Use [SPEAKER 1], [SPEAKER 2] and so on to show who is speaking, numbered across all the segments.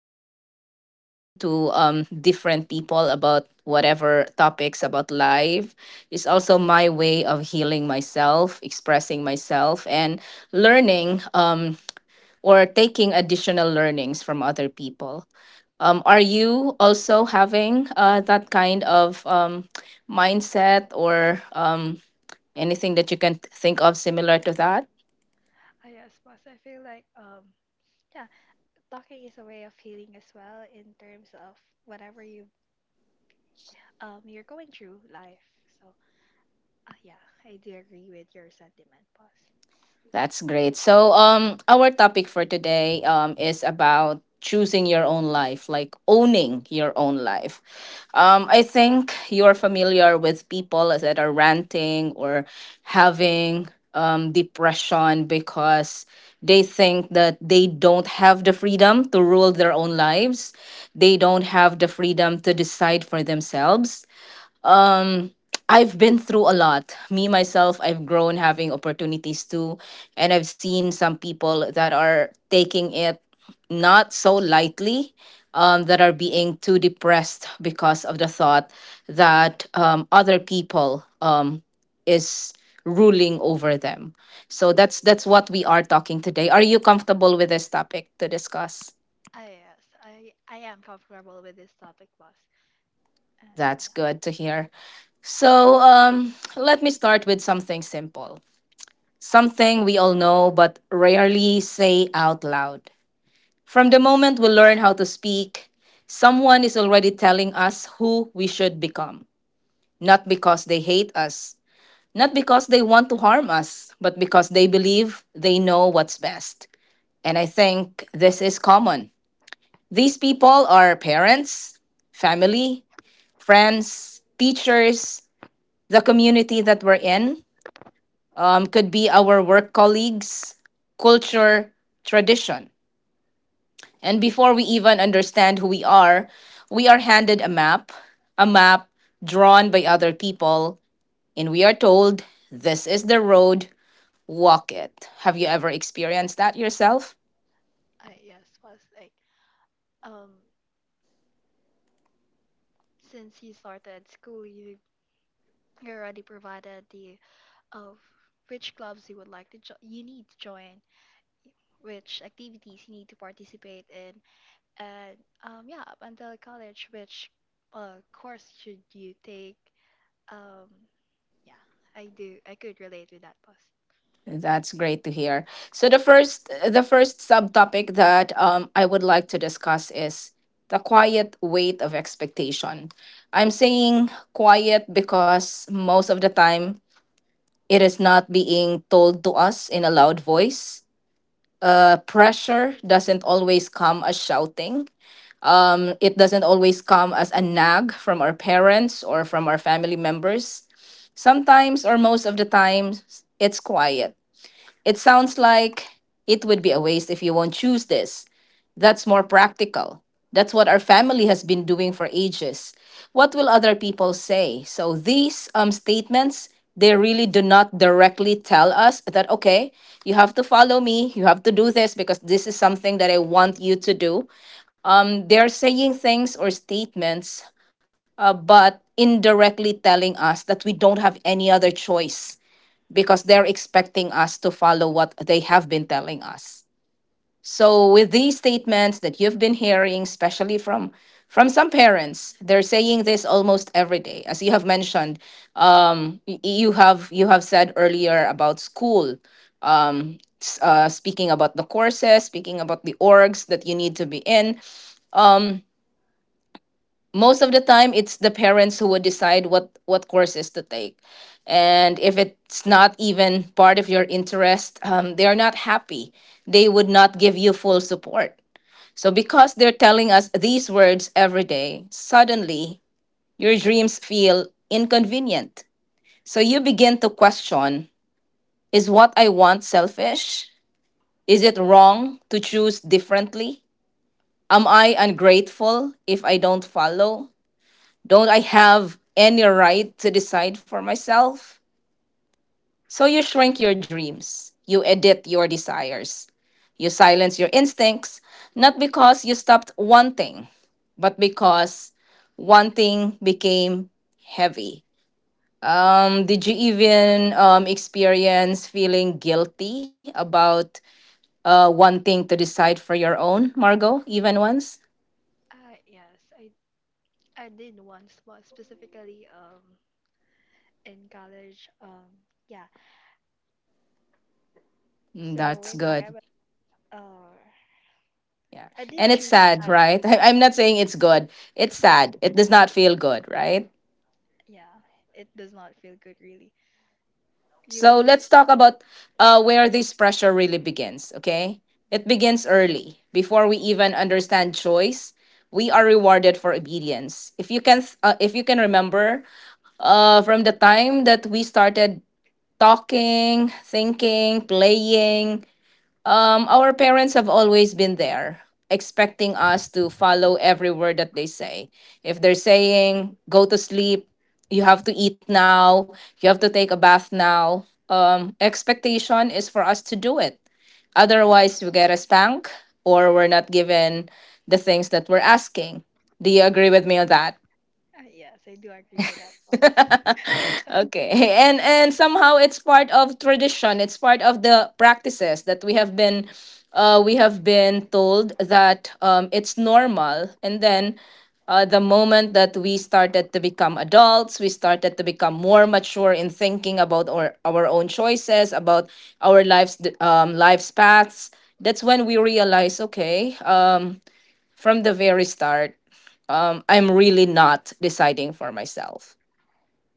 [SPEAKER 1] my way of talking to different people about whatever topics about life is also my way of healing myself, expressing myself, and learning or taking additional learnings from other people. Are you also having that kind of mindset or anything that you can think of similar to that?
[SPEAKER 2] Yes, boss. I feel like yeah, talking is a way of healing as well in terms of whatever you're going through life. So yeah, I do agree with your sentiment, boss.
[SPEAKER 1] That's great. So, our topic for today is about choosing your own life, like owning your own life. I think you're familiar with people that are ranting or having depression because they think that they don't have the freedom to rule their own lives. They don't have the freedom to decide for themselves. I've been through a lot. Me, myself, I've grown having opportunities too. And I've seen some people that are taking it not so lightly, that are being too depressed because of the thought that other people is ruling over them. So that's what we are talking today. Are you comfortable with this topic to discuss?
[SPEAKER 2] Yes, I am comfortable with this topic, boss. And
[SPEAKER 1] That's
[SPEAKER 2] yeah,
[SPEAKER 1] good to hear. So, let me start with something simple. Something we all know but rarely say out loud. From the moment we learn how to speak, someone is already telling us who we should become. Not because they hate us, not because they want to harm us, but because they believe they know what's best. And I think this is common. These people are parents, family, friends, teachers, the community that we're in, could be our work colleagues, culture, tradition. And before we even understand who we are handed a map drawn by other people, and we are told, "This is the road, walk it." Have you ever experienced that yourself?
[SPEAKER 2] I yes, boss. Like um since he started school, You already provided the of which clubs you would like to you need to join, which activities you need to participate in, and yeah, up until college, which course should you take? Um, yeah, I do. I could relate with that, boss.
[SPEAKER 1] That's great to hear. So the first subtopic that I would like to discuss is the quiet weight of expectation. I'm saying quiet because most of the time it is not being told to us in a loud voice. The pressure doesn't always come as shouting. It doesn't always come as a nag from our parents or from our family members. Sometimes or most of the times it's quiet. It sounds like, "It would be a waste if you won't choose this. That's more practical. That's what our family has been doing for ages. What will other people say?" So these statements, they really do not directly tell us that, okay, you have to follow me, you have to do this because this is something that I want you to do. They're saying things or statements, but indirectly telling us that we don't have any other choice because they're expecting us to follow what they have been telling us. So with these statements that you've been hearing, especially from some parents, they're saying this almost every day. As you have mentioned, you have said earlier about school, speaking about the courses, speaking about the orgs that you need to be in. Most of the time it's the parents who would decide what courses to take, and if it's not even part of your interest, they are not happy. They would not give you full support. So because they're telling us these words every day, suddenly your dreams feel inconvenient. So you begin to question, is what I want selfish? Is it wrong to choose differently? Am I ungrateful if I don't follow? Don't I have any right to decide for myself? So you shrink your dreams, you edit your desires, you silence your instincts, not because you stopped wanting, but because wanting became heavy. Did you even experience feeling guilty about wanting to decide for your own, Margot, even once?
[SPEAKER 2] Yes, I did once, was specifically in college. Yeah.
[SPEAKER 1] Mm.
[SPEAKER 2] So
[SPEAKER 1] That's
[SPEAKER 2] way back,
[SPEAKER 1] good.
[SPEAKER 2] uh
[SPEAKER 1] Yeah.
[SPEAKER 2] I did
[SPEAKER 1] And it's
[SPEAKER 2] choose
[SPEAKER 1] sad,
[SPEAKER 2] that.
[SPEAKER 1] right?
[SPEAKER 2] Yeah,
[SPEAKER 1] I'm not saying it's good. It's
[SPEAKER 2] yeah,
[SPEAKER 1] sad. It does not feel good, right?
[SPEAKER 2] yeah. It does not feel good, really. You'll
[SPEAKER 1] So
[SPEAKER 2] be,
[SPEAKER 1] let's talk about where this pressure really begins, okay? It begins early. Before we even understand choice, we are rewarded for obedience. If you can, if you can remember, from the time that we started talking, thinking, playing, our parents have always been there, expecting us to follow every word that they say. If they're saying, go to sleep, you have to eat now, you have to take a bath now, expectation is for us to do it. Otherwise, we get a spank, or we're not given the things that we're asking. Do you agree with me on that?
[SPEAKER 2] yes, I do agree with that, boss.
[SPEAKER 1] Okay. And somehow it's part of tradition. It's part of the practices that we have been, we have been told that it's normal. And then, the moment that we started to become adults, we started to become more mature in thinking about our own choices, about our lives, life's paths. That's when we realize, okay, from the very start, I'm
[SPEAKER 2] Yeah.
[SPEAKER 1] really not deciding for myself.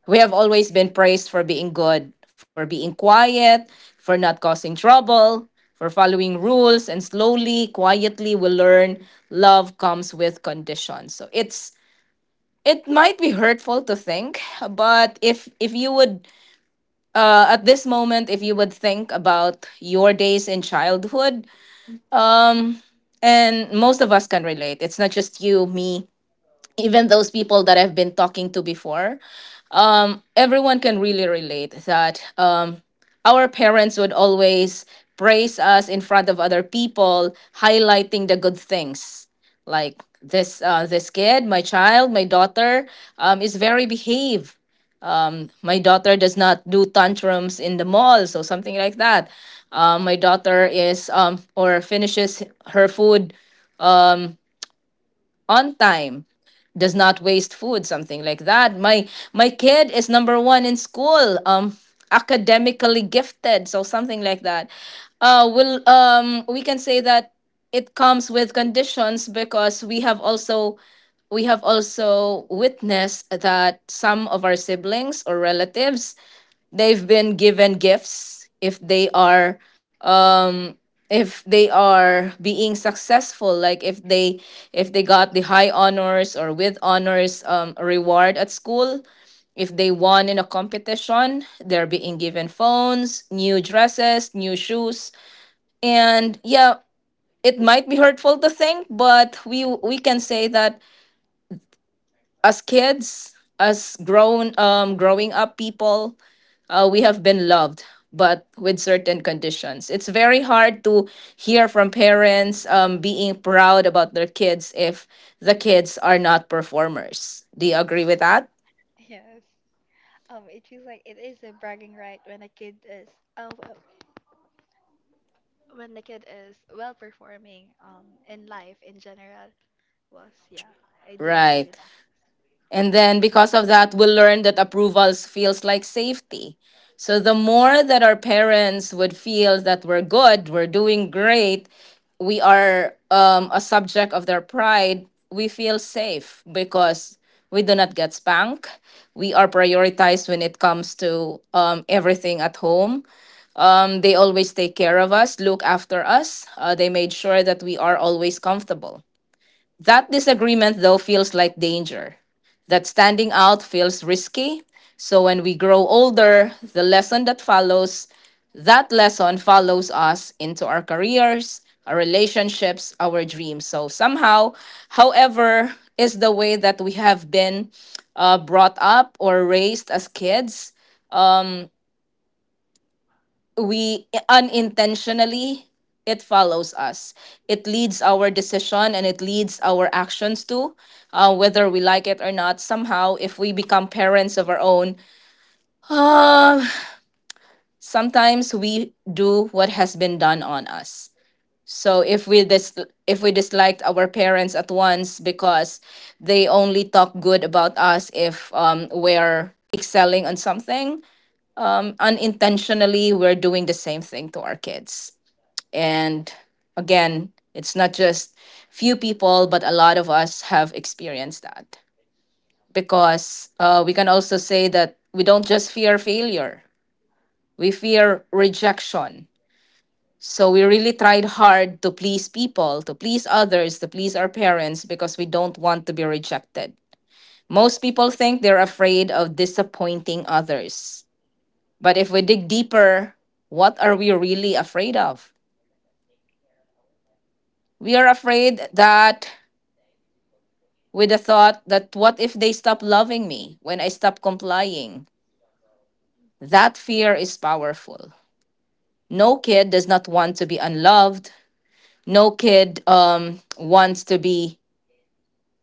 [SPEAKER 1] We have always been praised for being good, for being quiet, for not causing trouble, for following rules, and slowly, quietly, we learn love comes with conditions. So it's, it might be hurtful to think, but if you would, at this moment, if you would think about your days in childhood, and most of us can relate. It's not just you, me, even those people that I've been talking to before.
[SPEAKER 2] Mhm.
[SPEAKER 1] Everyone can really relate that, our parents would always praise us in front of other people, highlighting the good things. Like this, this kid, my child, my daughter, is very behave. My daughter does not do tantrums in the mall, so something like that. My daughter is or finishes her food on time, does not waste food, something like that. My kid is number one in school, academically gifted, so something like that. Will We can say that it comes with conditions, because we have also witnessed that some of our siblings or relatives, they've been given gifts if they are, being successful. Like if they, got the high honors or with honors reward at school, if they won in a competition, they're being given phones, new dresses, new shoes. And yeah, it might be hurtful to think, but we can say that as kids, as grown growing up people, we have been loved, but with certain conditions. It's very hard to hear from parents being proud about their kids if the kids are not performers. Do you agree with that?
[SPEAKER 2] Yes. It feels like it is a bragging right when a kid is, uh, w- when the kid is well performing, in life in general. Was yeah, I do agree
[SPEAKER 1] Right.
[SPEAKER 2] with that.
[SPEAKER 1] And then because of that, we'll learn that approvals feels like safety. So the more that our parents would feel that we're good, we're doing great, we are, a subject of their pride, we feel safe because we do not get spanked. We are prioritized when it comes to everything at home. They always take care of us, look after us. They made sure that we are always comfortable. That disagreement, though, feels like danger. That standing out feels risky. So when we grow older, the lesson that follows, that lesson follows us into our careers, our relationships, our dreams. So somehow, however, is the way that we have been, brought up or raised as kids, we unintentionally, it follows us, it leads our decision and it leads our actions to, whether we like it or not, somehow if we become parents of our own, um, sometimes we do what has been done on us. So if we if we disliked our parents at once because they only talk good about us if, we're excelling on something, unintentionally we're doing the same thing to our kids. And again, it's not just few people, but a lot of us have experienced that. Because, we can also say that we don't just fear failure, we fear rejection. So we really tried hard to please people, to please others, to please our parents because we don't want to be rejected. Most people think they're afraid of disappointing others. But if we dig deeper, what are we really afraid of? We are afraid that, with the thought that, what if they stop loving me when I stop complying? That fear is powerful. No kid does not want to be unloved. No kid wants to be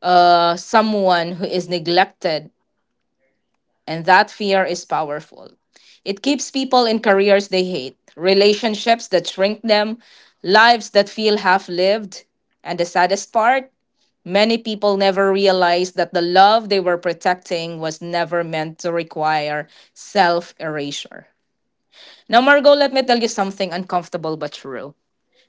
[SPEAKER 1] someone who is neglected. And that fear is powerful. It keeps people in careers they hate, relationships that shrink them, lives that feel half lived. And the saddest part? Many people never realize that the love they were protecting was never meant to require self erasure. Now, Margot, let me tell you something uncomfortable but true.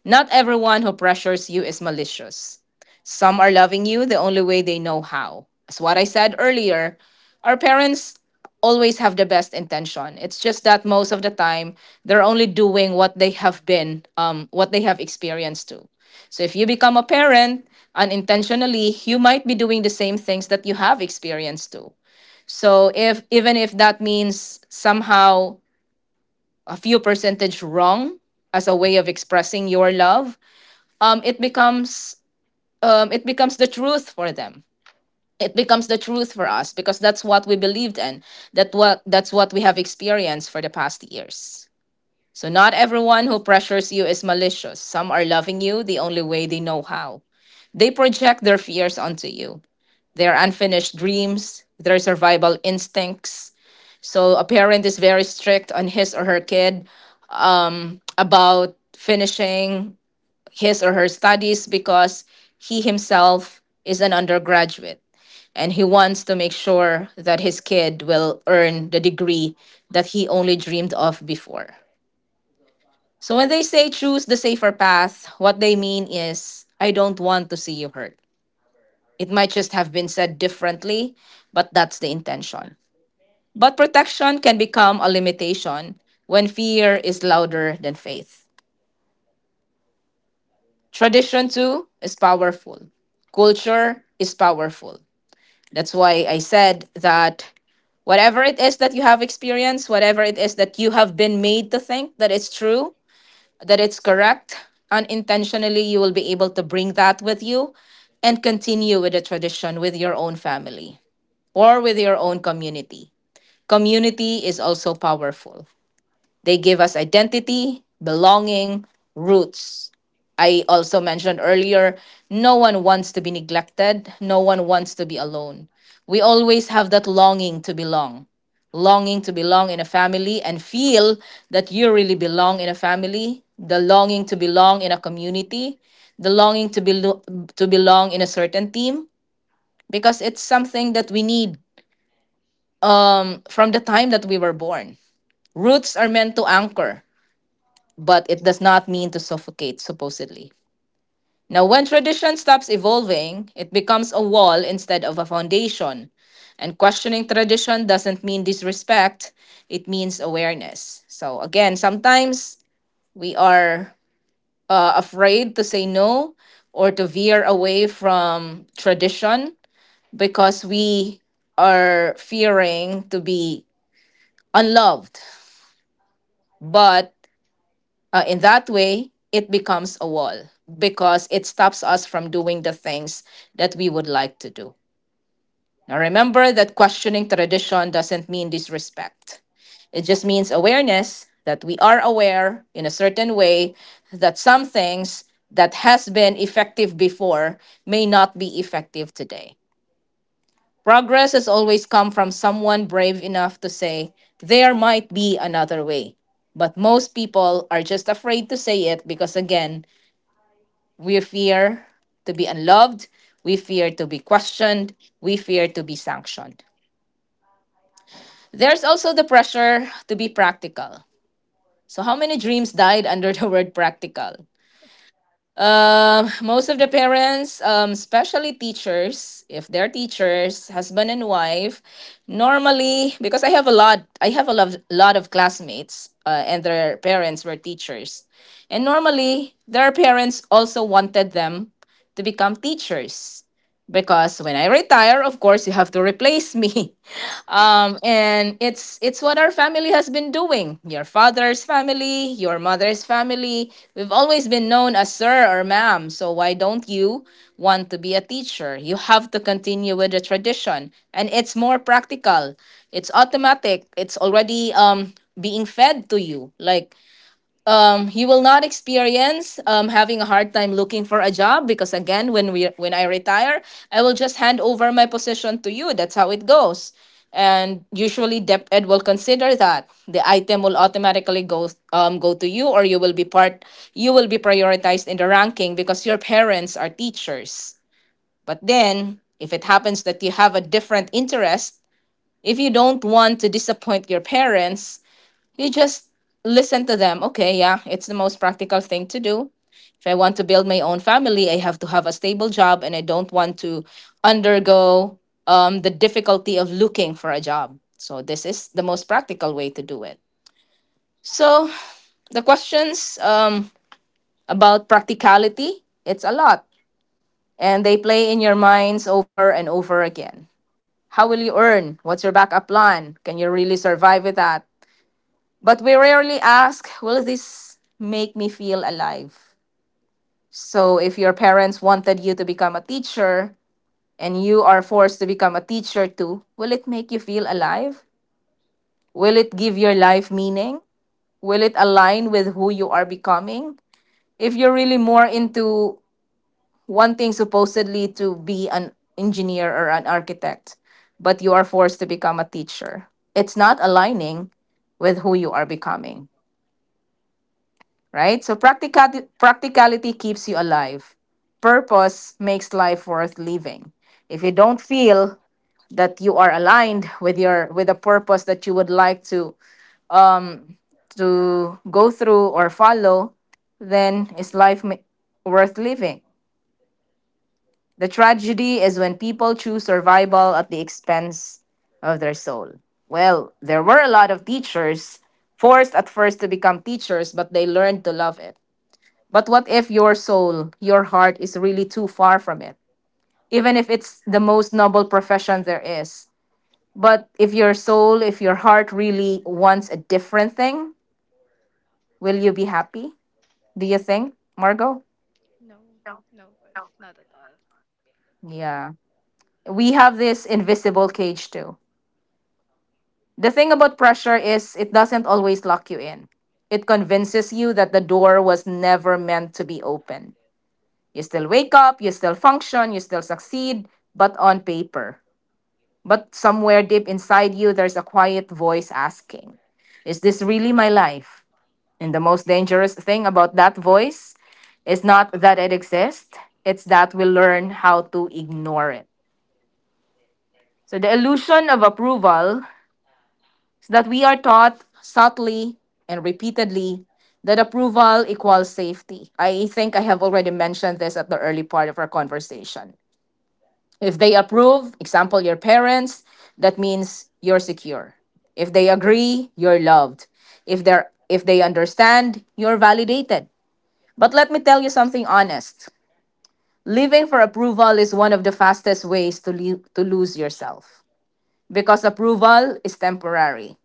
[SPEAKER 1] Not everyone who pressures you is malicious. Some are loving you the only way they know how. As what I said earlier, our parents always have the best intention. It's just that most of the time they're only doing what they have been, what they have experienced to. So if you become a parent unintentionally, you might be doing the same things that you have experienced to. So if even if that means somehow a few percentage wrong as a way of expressing your love, um, it becomes it becomes the truth for them. It becomes the truth for us because that's what we believed in. That's what we have experienced for the past years. So not everyone who pressures you is malicious. Some are loving you the only way they know how. They project their fears onto you, their unfinished dreams, their survival instincts. So a parent is very strict on his or her kid about finishing his or her studies because he himself is an undergraduate and he wants to make
[SPEAKER 2] Mm.
[SPEAKER 1] sure that his kid will earn the degree that he only dreamed of before. So when they say choose the safer path, what they mean is I don't want to see you hurt. It might just have been said differently, but that's the intention. But protection can become a limitation when fear is louder than faith. Tradition, too, is powerful. Culture is powerful. That's why I said that whatever it is that you have experienced, whatever it is that you have been made to think that it's true, that it's correct, unintentionally, you will be able to bring that with you and continue with the tradition with your own family or with your own community. Community is also powerful. They give us identity, belonging, roots. I also mentioned earlier no one wants to be neglected, no one wants to be alone. We always have that longing to belong in a family and feel that you really belong in a family, the longing to belong in a community, the longing to belong in a certain team, because it's something that we need from the time that we were born. Roots are meant to anchor but it does not mean to suffocate, supposedly. Now, when tradition stops evolving, it becomes a wall instead of a foundation. And questioning tradition doesn't mean disrespect, it means awareness. So, again, sometimes we are afraid to say no or to veer away from tradition because we are fearing to be unloved. But in that way, it becomes a wall because it stops us from doing the things that we would like to do. Now, remember that questioning tradition doesn't mean disrespect, it just means awareness that we are aware in a certain way that some things that has been effective before may not be effective today. Progress has always come from someone brave enough to say, there might be another way. But most people are just afraid to say it because, again, we fear to be unloved, we fear to be questioned, we fear to be sanctioned. There's also the pressure to be practical. So, how many dreams died under the word practical? Most of the parents, especially teachers, if they're teachers, husband and wife, normally because I have a lot of classmates, and their parents were teachers, and normally their parents also wanted them to become teachers because when I retire, of course, you have to replace me. And it's what our family has been doing. Your father's family, your mother's family. We've always been known as sir or ma'am. So why don't you want to be a teacher? You have to continue with the tradition, and it's more practical. It's automatic. It's already being fed to you. Like, you will not experience having a hard time looking for a job, because again, when I retire, I will just hand over my position to you. That's how it goes. And usually DepEd will consider that the item will automatically go to you, or you will be prioritized in the ranking because your parents are teachers. But then if it happens that you have a different interest, if you don't want to disappoint your parents, you just listen to them. Okay, yeah, it's the most practical thing to do. If I want to build my own family, I have to have a stable job and I don't want to undergo the difficulty of looking for a job. So, this is the most practical way to do it. So, the questions about practicality, it's a lot. And they play in your minds over and over again. How will you earn? What's your backup plan? Can you really survive with that? But we rarely ask, will this make me feel alive? So if your parents wanted you to become a teacher and you are forced to become a teacher too, will it make you feel alive? Will it give your life meaning? Will it align with who you are becoming? If you're really more into wanting supposedly to be an engineer or an architect, but you are forced to become a teacher, it's not aligning with who you are becoming, right? So practicality, practicality keeps you alive. Purpose makes life worth living. If you don't feel that you are aligned with your with a purpose that you would like to go through or follow, then is life worth living? The tragedy is when people choose survival at the expense of their soul. Well, there were a lot of teachers forced at first to become teachers, but they learned to love it. But what if your soul, your heart is really too far from it? Even if it's the most noble profession there is. But if your soul, if your heart really wants a different thing, will you be happy? Do you think, Margot?
[SPEAKER 2] No, no, was not at all.
[SPEAKER 1] Yeah. We have this invisible cage too. The thing about pressure is it doesn't always lock you in. It convinces you that the door was never meant to be open. You still wake up, you still function, you still succeed, but on paper. But somewhere deep inside you, there's a quiet voice asking, is this really my life? And the most dangerous thing about that voice is not that it exists, it's that we learn how to ignore it. So the illusion of approval is that we are taught subtly and repeatedly that approval equals safety. I think I have already mentioned this at the early part of our conversation. If they approve, example, your parents, that means you're secure. If they agree, you're loved. If they understand, you're validated. But let me tell you something honest. Living for approval is one of the fastest ways to lose yourself because approval is temporary.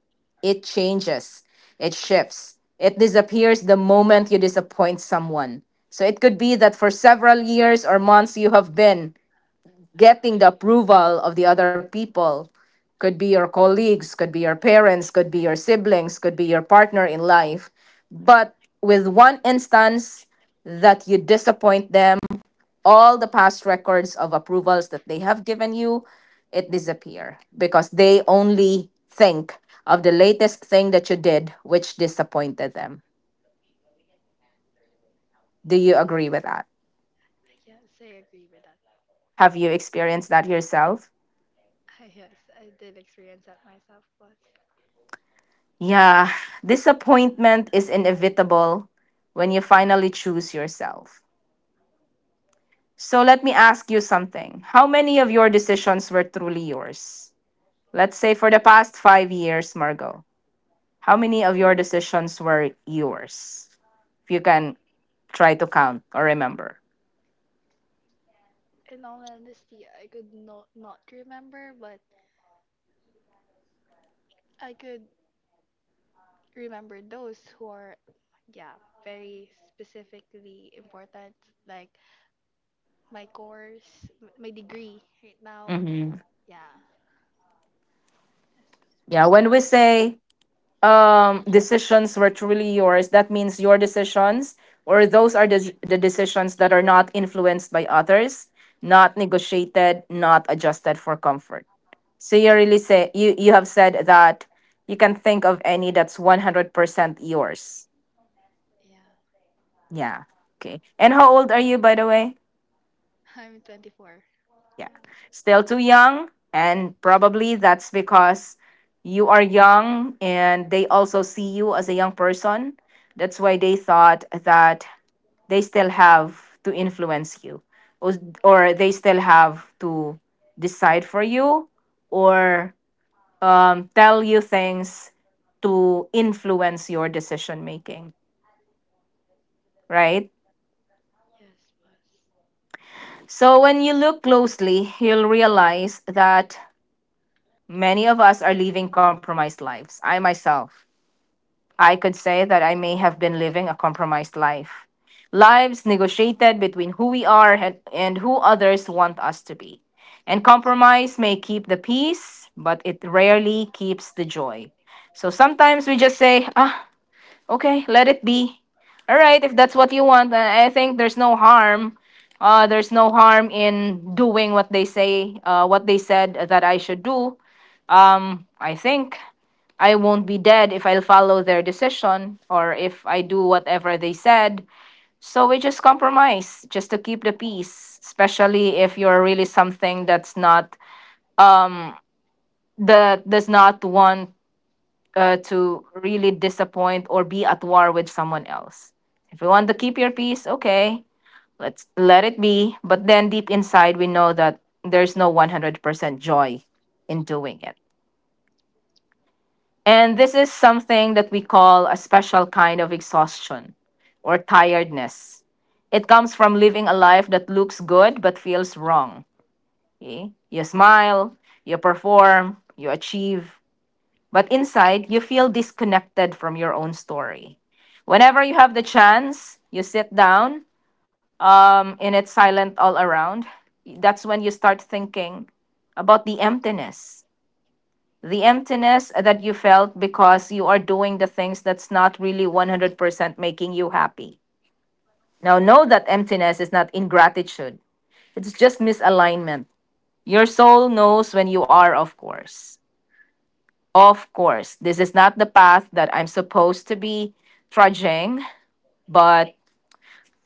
[SPEAKER 1] It changes, it shifts, it disappears the moment you disappoint someone. So it could be that for several years or months you have been getting the approval of the other people. Could be your colleagues, could be your parents, could be your siblings, could be your partner in life. But with one instance that you disappoint them, all the past records of approvals that they have given you, it disappear, because they only think of the latest thing that you did which disappointed them. Do you agree with that?
[SPEAKER 2] Yes, I agree with that.
[SPEAKER 1] Have you experienced that yourself?
[SPEAKER 2] Yes, I did experience that myself, boss.
[SPEAKER 1] Yeah, disappointment is inevitable when you finally choose yourself. So let me ask you something. How many of your decisions were truly yours? Let's say for the past 5 years, Margot, how many of your decisions were yours? If you can try to count or remember.
[SPEAKER 2] In all honesty, I could not remember, but I could remember those who are, yeah, very specifically important, like my course, my degree right now.
[SPEAKER 1] Hmm.
[SPEAKER 2] Yeah. Yes, was,
[SPEAKER 1] Yeah, when
[SPEAKER 2] was.
[SPEAKER 1] we
[SPEAKER 2] But,
[SPEAKER 1] say decisions were truly yours, that means your decisions, or those are the decisions that are not influenced by others, not negotiated, not adjusted for comfort. So you really say you have said that you can think of any that's 100% yours.
[SPEAKER 2] yeah,
[SPEAKER 1] Yeah, okay. And how old are you, by the way?
[SPEAKER 2] I'm 24.
[SPEAKER 1] Yeah.
[SPEAKER 2] Yeah.
[SPEAKER 1] Still too young. And probably that's because you are young and they also see you as a young person. That's why they thought that they still have to influence you or, or they still have to decide for you or tell you things to influence your decision making, right?
[SPEAKER 2] Yes, was.
[SPEAKER 1] So when you look closely, you'll realize that many of us are living compromised lives. I myself, I could say that I may have been living a compromised life. Lives negotiated between who we are and who others want us to be. And compromise may keep the peace, but it rarely keeps the joy. So sometimes we just say, okay, let it be. All right, if that's what you want, I think there's no harm. There's no harm in doing what they say, what they said that I should do. I think I won't be dead if I follow their decision or if I do whatever they said. So we just compromise just to keep the peace, especially if you're really something that's not um that does not want, to really disappoint or be at war with someone else. If you want to keep your peace, okay, let's let it be. But then deep inside, we know that there's no 100% joy in doing it. And this is
[SPEAKER 2] Yeah.
[SPEAKER 1] something that we call a special kind of exhaustion or tiredness. It comes from living a life that looks good but feels wrong. Okay? You smile, you perform, you achieve, but inside you feel disconnected from your own story. Whenever you have the chance, you sit down, and it's silent all around. That's when you start thinking about the emptiness, the emptiness that you felt because you are doing the things that's not really 100% making you happy. Now, know that emptiness is not ingratitude, it's just misalignment. Your soul knows when you are, of course. Of course, this is not the path that I'm supposed to be trudging, but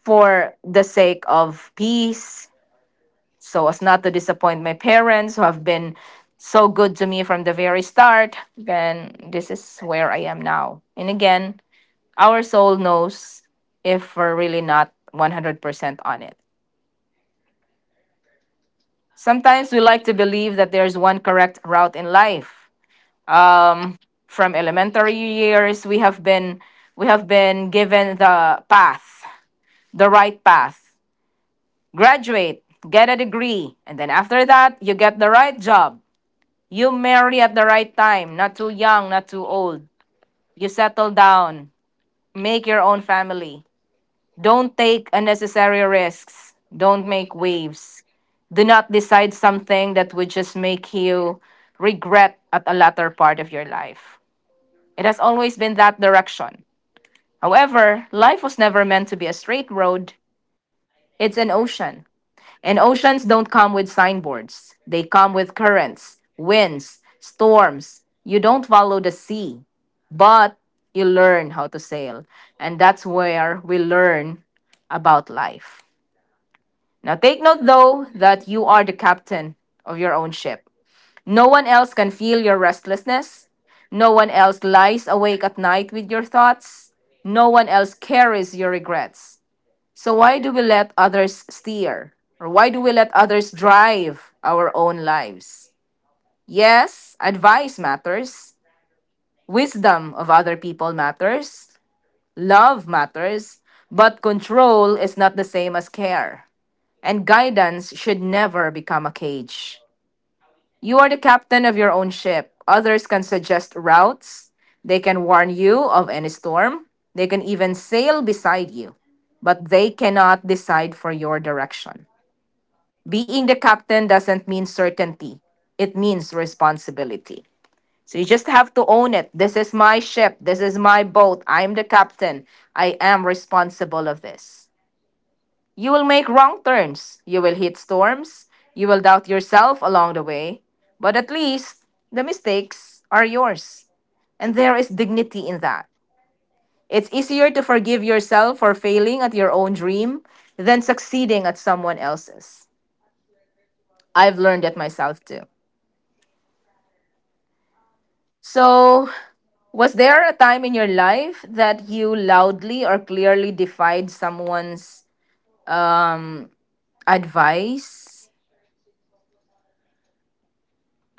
[SPEAKER 1] for the sake of peace, so as not to disappoint my parents who have been so good to me from the very start, then this is where I am now. And again, our soul knows if we're really not 100% on it. Sometimes we like to believe that there's one correct route in life. Um, from elementary years, we have been given the path, the right path. Graduate, get a degree, and then after that, you get the right job. You marry at the right time, not too young, not too old. You settle down, make your own family. Don't take unnecessary risks. Don't make waves. Do not decide something that would just make you regret at a latter part of your life. It has always been that direction. However, life was never meant to be a straight road. It's an ocean. And oceans don't come with signboards. They come with currents, winds, storms. You don't follow the sea, but you learn how to sail. And that's where we learn about life. Now, take note though that you are the captain of your own ship. No one else can feel your restlessness. No one else lies awake at night with your thoughts. No one else carries your regrets. So why do we let others steer? Or why do we let others drive our own lives? Yes, advice matters. Wisdom of other people matters. Love matters. But control is not the same as care. And guidance should never become a cage. You are the captain of your own ship. Others can suggest routes. They can warn you of any storm. They can even sail beside you. But they cannot decide for your direction. Being the captain doesn't mean certainty, it means responsibility. So you just have to own it. This is my ship. This is my boat. I'm the captain. I am responsible of this. You will make wrong turns. You will hit storms. You will doubt yourself along the way. But at least the mistakes are yours. And there is dignity in that. It's easier to forgive yourself for failing at your own dream than succeeding at someone else's. I've learned it myself too. So, was there a time in your life that you loudly or clearly defied someone's advice?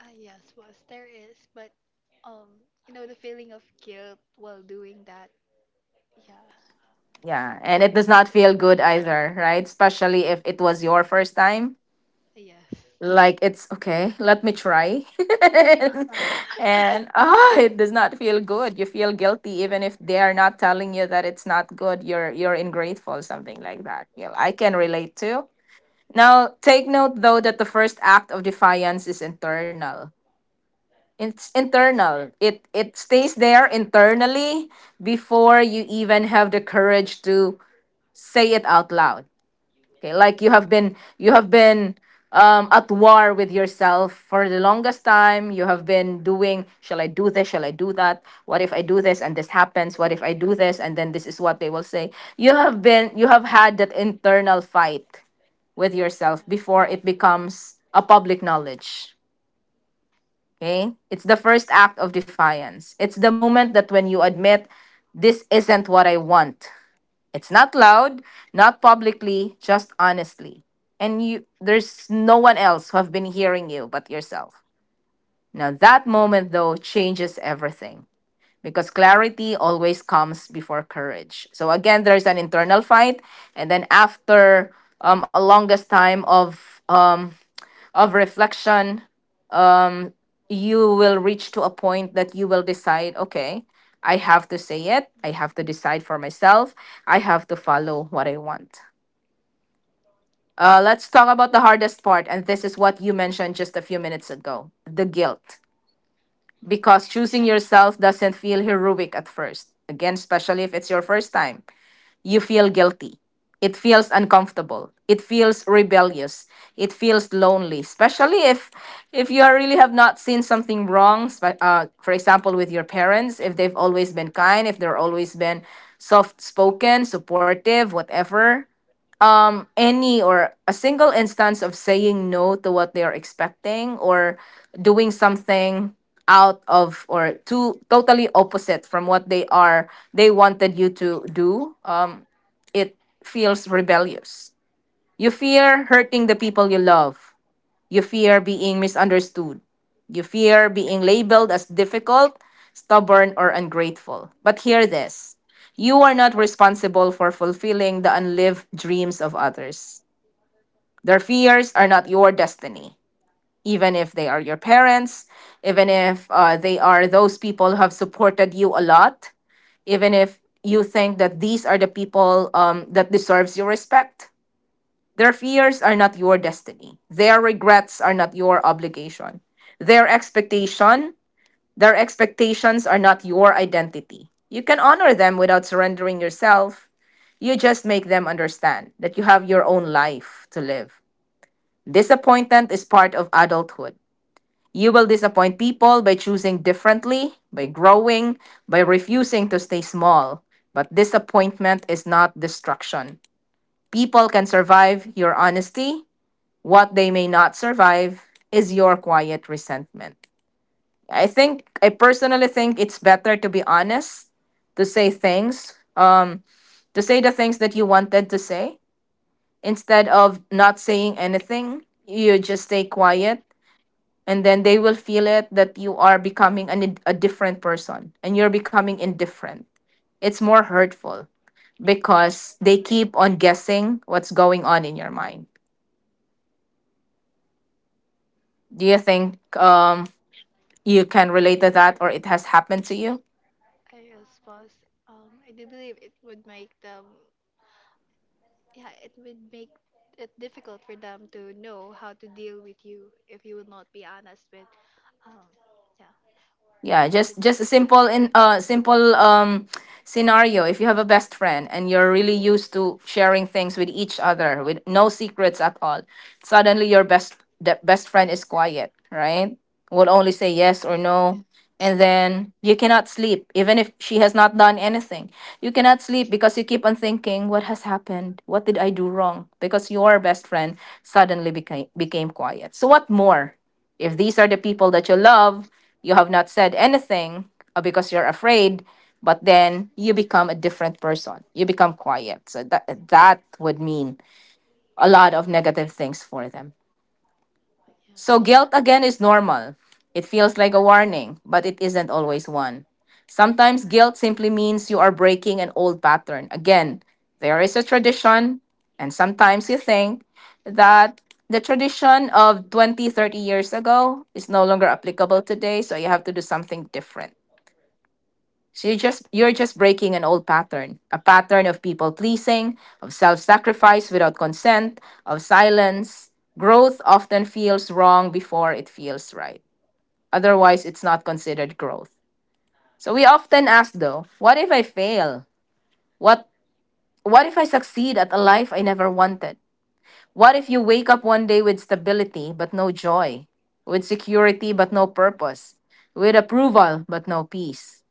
[SPEAKER 2] Yes, was. There is, but um, the feeling of guilt while doing that. Yeah,
[SPEAKER 1] Yeah, and it does not feel
[SPEAKER 2] it's not.
[SPEAKER 1] good either, right? Especially if it was your first time.
[SPEAKER 2] Yes.
[SPEAKER 1] Like it's okay, let me try. And it does not feel good. You feel guilty even if they are not telling you that it's not good. You're ingrateful, something like that. You know, I can relate to. Now, take note though that the first act of defiance is internal. It's internal. It stays there internally before you even have the courage to say it out loud. Okay, like you have been at war with yourself for the longest time. You have been doing, shall I do this? Shall I do that? What if I do this and this happens? What if I do this and then this is what they will say? You have had that internal fight with
[SPEAKER 2] Yeah.
[SPEAKER 1] yourself before it becomes a public knowledge. Okay? It's the first act of defiance. It's the moment that when you admit, this isn't what I want. It's not loud, not publicly, just honestly. And you there's no one else who have been hearing you but yourself. Now that moment though changes everything because clarity always comes before courage. So again, there's an internal fight, and then after a longest time of reflection, you will reach to a point that you will decide, okay, I have to say it. I have to decide for myself. I have to follow what I want. Let's talk about the hardest part, and this is what you mentioned just a few minutes ago, the guilt. Because
[SPEAKER 2] Yeah.
[SPEAKER 1] choosing yourself doesn't feel heroic at first, again, especially if it's your first time, you feel guilty. It feels uncomfortable. It feels rebellious. It feels lonely, especially if you really have not seen something wrong. For example, with your parents, if they've always been kind, if they're always been soft spoken, supportive, whatever. Any or a single instance of saying no to what they are expecting, or doing something out of, or to, totally opposite from what they wanted you to do, it feels rebellious. You fear hurting the people you love. You fear being misunderstood. You fear being labeled as difficult, stubborn, or ungrateful. But hear this, you are not responsible for fulfilling the unlived dreams of others. Their fears are not your destiny, even if they are your parents, even if they are those people who have supported you a lot, even if you think that these are the people that deserves your respect. Their fears are not your destiny. Their regrets are not your obligation. Their expectation, their expectations are not your identity. You can honor them without surrendering yourself. You just make them understand that you have your own life to live. Disappointment is part of adulthood. You will disappoint people by choosing differently, by growing, by refusing to stay small. But disappointment is not destruction. People can survive your honesty, what they may not survive is your quiet resentment. I think, I personally think it's better to be honest, to say things, to say the things that you wanted to say instead of not saying anything. You just stay quiet and then they will feel it that you are becoming a different person and you're becoming indifferent. It's more hurtful because they keep on guessing what's going on in your mind. Do you think you can relate to that, or it has happened to you?
[SPEAKER 2] I was. I do believe it would make them yeah, it would make it difficult for them to know how to deal with you if you will not be honest with, um, yeah,
[SPEAKER 1] Yeah,
[SPEAKER 2] what's
[SPEAKER 1] just
[SPEAKER 2] inside
[SPEAKER 1] a
[SPEAKER 2] your head.
[SPEAKER 1] simple scenario. If you have a best friend and you're really used to sharing things with each other with no secrets at all, suddenly your best the best friend is quiet, right? Will only say yes
[SPEAKER 2] Yeah.
[SPEAKER 1] or no. And then you cannot sleep even if she has not done anything. You cannot sleep because you keep on thinking, what has happened, what did I do wrong, because your best friend suddenly became quiet. So what more. If these are the people that you love, you have not said anything, because you're afraid, but then you become a different person. You become quiet. So that would mean a lot of negative things for them. So guilt again is normal. It feels like a warning, but it isn't always one. Sometimes guilt simply means you are breaking an old pattern. Again, there is a tradition, and sometimes you think that the tradition of 20, 30 years ago is no longer applicable today, so you have to do something different. So you're just breaking an old pattern, a pattern of people pleasing, of self-sacrifice without consent, of silence. Growth often feels wrong before it feels right. Otherwise, it's not considered growth. So we often ask though, what if I fail? What what if I succeed at a life I never wanted? What if you wake up one day with stability but no joy, with security but no purpose, with approval but no peace?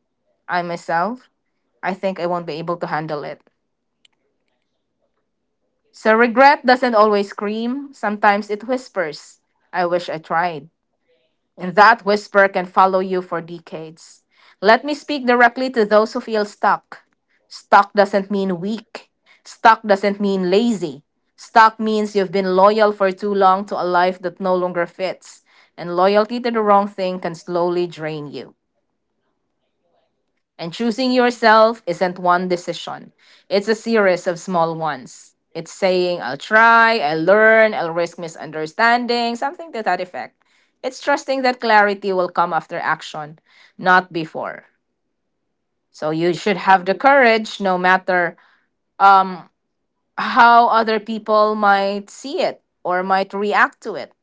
[SPEAKER 1] I myself, I think I won't be able to handle it. So regret doesn't always scream, sometimes it whispers, I wish I tried. And that whisper can follow you for decades. Let me speak directly to those who feel stuck. Stuck doesn't mean weak. Stuck doesn't mean lazy. Stuck means you've been loyal for too long to a life that no longer fits. And loyalty to the wrong thing can slowly drain you. And choosing yourself isn't one decision, it's a series of small ones. It's saying, I'll try, I'll learn, I'll risk misunderstanding, something to that effect. It's trusting that clarity will come after action, not before. So you should have the courage, no matter um, how other people might see it or might react to it.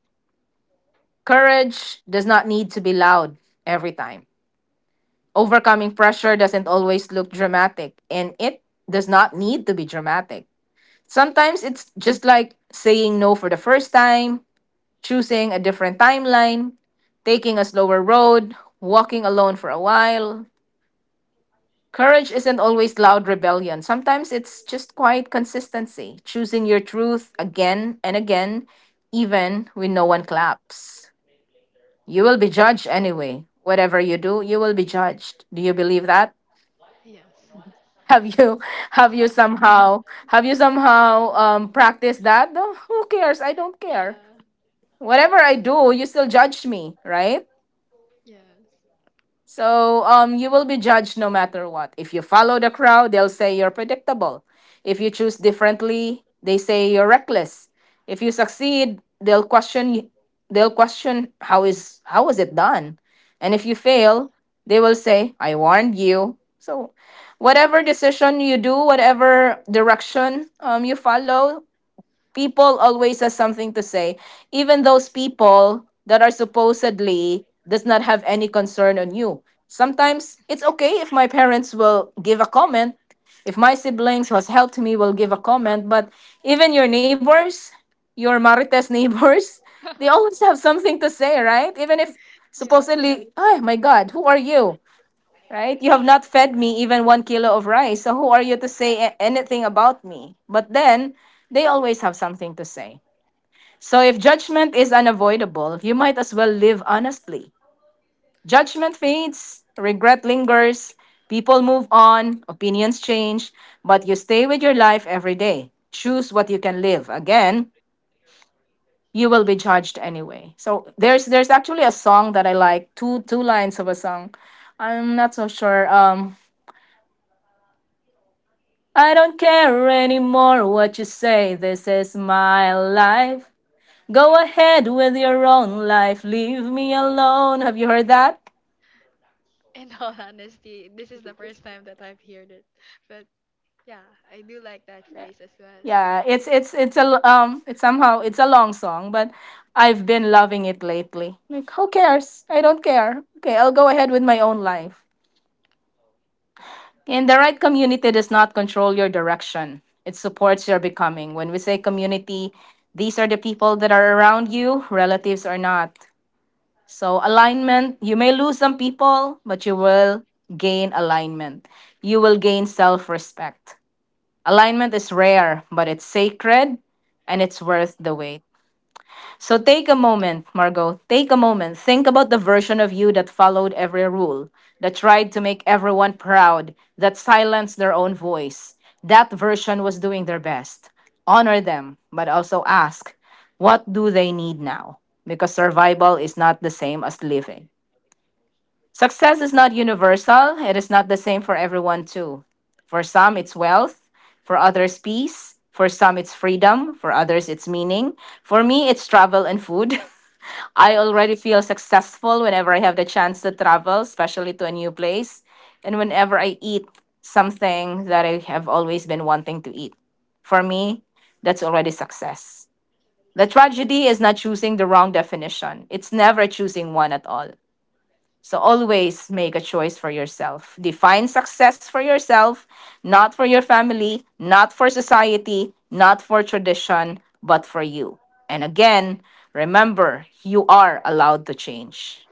[SPEAKER 1] Courage does not need to be loud every time. Overcoming pressure doesn't always look dramatic, and it does not need to be dramatic. Sometimes it's just like saying no for the first time, choosing a different timeline, taking a slower road, walking alone for a while. Courage isn't always loud rebellion. Sometimes it's just quiet consistency, choosing your truth again and again, even when no one claps. You will be judged anyway. Whatever you do, you will be judged. Do you believe that?
[SPEAKER 2] Yeah.
[SPEAKER 1] have you have you
[SPEAKER 2] Yes.
[SPEAKER 1] somehow have you somehow practiced that, no, who cares, I don't care,
[SPEAKER 2] Yeah.
[SPEAKER 1] whatever I do you still judge me, right?
[SPEAKER 2] Yeah.
[SPEAKER 1] So you will be judged no matter what. If you follow the crowd, they'll say you're predictable. If you choose differently, they say you're reckless. If you succeed, they'll question how is, how was it done? And if you fail, they will say, I warned you. So whatever decision you do, whatever direction you follow, people always has something to say, even those people that are supposedly does not have any concern on you. Sometimes it's okay if my parents will give a comment, if my siblings who has helped me will give a comment, but even your neighbors, your marites neighbors
[SPEAKER 2] Yes.
[SPEAKER 1] they always have something to say, right? Even if
[SPEAKER 2] Yes.
[SPEAKER 1] supposedly, oh my god, who are you, right? You have not fed me even 1 kilo of rice, so who are you to say anything about me? But then they always have something to say. So if judgment is unavoidable, you might as well live honestly. Judgment fades, regret lingers, people move on, opinions change, but you stay with your life every day. Choose what you can live. Again, you will be judged anyway. So there's actually a song that I like, two lines of a song. I'm not so sure. I don't care anymore what you say, this is my life. Go ahead with your own life, leave me alone. Have you heard that?
[SPEAKER 2] In all honesty, this is the first time that I've heard it. But yeah, I do like that phrase as well.
[SPEAKER 1] Yeah, it's a it's somehow it's a long song, but I've been loving it lately. Like who cares? I don't care. Okay, I'll go ahead with my own life. And the right community does not control your direction. It supports your becoming. When we say community, these are the people that are around you, relatives or not. So, alignment, you may lose some people, but you will gain alignment. You will gain self respect. Alignment is rare, but it's sacred and it's worth the wait. So, take a moment, Margot. Take a moment. Think about the version of you that followed every rule, that tried to make everyone proud, that silenced their own voice. That version was doing their best. Honor them, but also ask, what do they need now? Because survival is not the same as living. Success is not universal, it is not the same for everyone, too. For some, it's wealth, for others, peace, for some, it's freedom, for others, it's meaning. For me, it's travel and food. I already feel successful whenever I have the chance to travel, especially to a new place, and whenever I eat something that I have always been wanting to eat. For me, that's already success. The tragedy is not choosing the wrong definition. It's never choosing one at all. So always make a choice for yourself. Define success for yourself, not for your family, not for society, not for tradition, but for you. And again, remember, you are allowed to change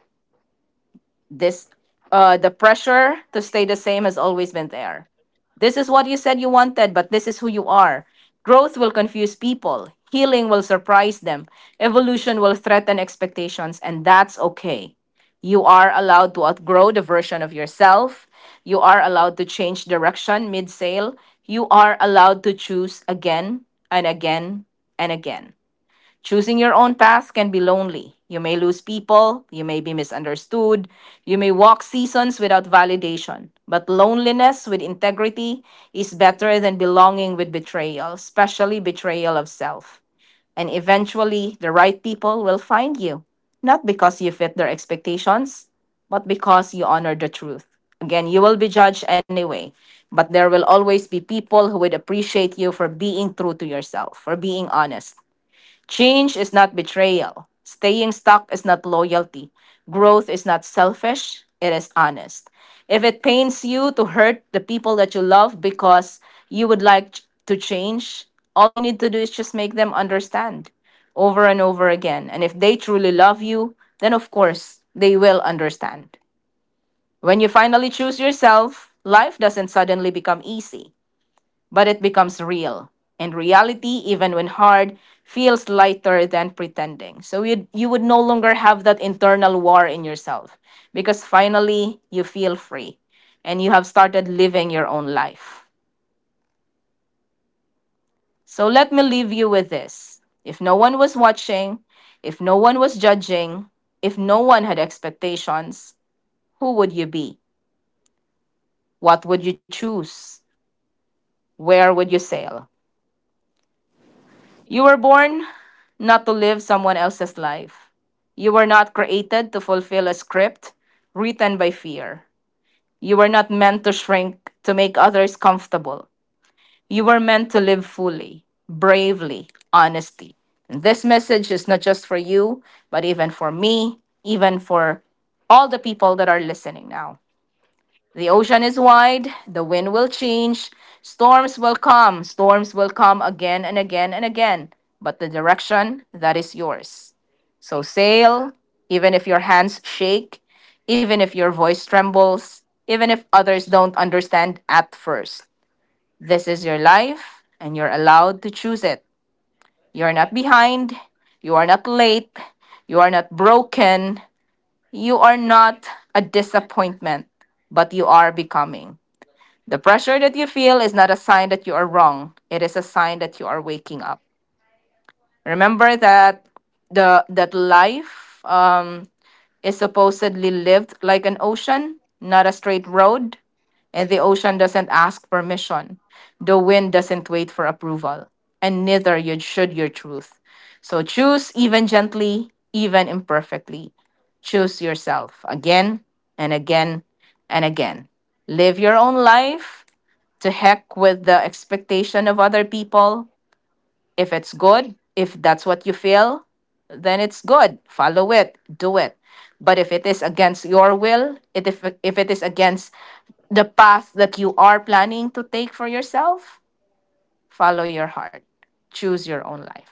[SPEAKER 1] this. The pressure to stay the same has always been there. This is what you said you wanted, but this is who you are. Growth will confuse people, healing will surprise them, evolution will threaten expectations, and that's okay. You are allowed to outgrow the version of yourself. You are allowed to change direction mid sail. You are allowed to choose again, and again, and again. Choosing your own path can be lonely. You may lose people, you may be misunderstood, you may walk seasons without validation. But loneliness with integrity is better than belonging with betrayal, especially betrayal of self. And eventually, the right people will find you, not because you fit their expectations, but because you honor the truth. Again, you will be judged anyway, but there will always be people who would appreciate you for being true to yourself, for being honest. Change is not betrayal. Staying stuck is not loyalty. Growth is not selfish, it is honest. If it pains you to hurt the people that you love because you would like to change, all you need to do is just make them understand over and over again. And if they truly love you, then of course they will understand. When you finally choose yourself, life doesn't suddenly become easy, but it becomes real. And reality, even when hard, feels lighter than pretending. So you would no longer have that internal war in yourself, because finally you feel free and you have started living your own life. So let me leave you with this. If no one was watching, if no one was judging, if no one had expectations, who would you be? What would you choose? Where would you sail? You were born not to live someone else's life. You were not created to fulfill a script written by fear. You were not meant to shrink to make others comfortable. You were meant to live fully, bravely, honestly. And this message is not just for you, but even for me, even for all the people that are listening now. The ocean is wide, the wind will change, storms will come again and again and again, but the direction that is yours. So sail, even if your hands shake, even if your voice trembles, even if others don't understand at first. This is your life, and you're allowed to choose it. You're not behind, you are not late, you are not broken, you are not a disappointment, but you are becoming. The pressure that you feel is not a sign that you are wrong. It is a sign that you are waking up. Remember that the that life is supposedly lived like an ocean, not a straight road, and the ocean doesn't ask permission. The wind doesn't wait for approval, and neither you should your truth. So choose even gently, even imperfectly. Choose yourself again, and again, and again. Live your own life, to heck with the expectation of other people. If it's good, if that's what you feel, then it's good. Follow it, do it. But if it is against your will, if it is against the path that you are planning to take for yourself, follow your heart. Choose your own life.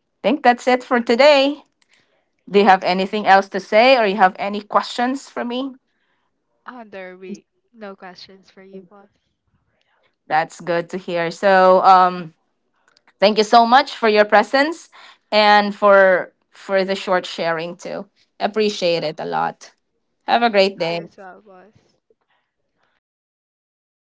[SPEAKER 1] I think that's it for today. Do you have anything else to say or you have any questions for me?
[SPEAKER 2] Under the week, no questions for you, boss.
[SPEAKER 1] That's good to hear. So, thank you so much for your presence and for the short sharing too. Appreciate it a lot. Have a great
[SPEAKER 2] Thank you
[SPEAKER 1] day.
[SPEAKER 2] as well, boss.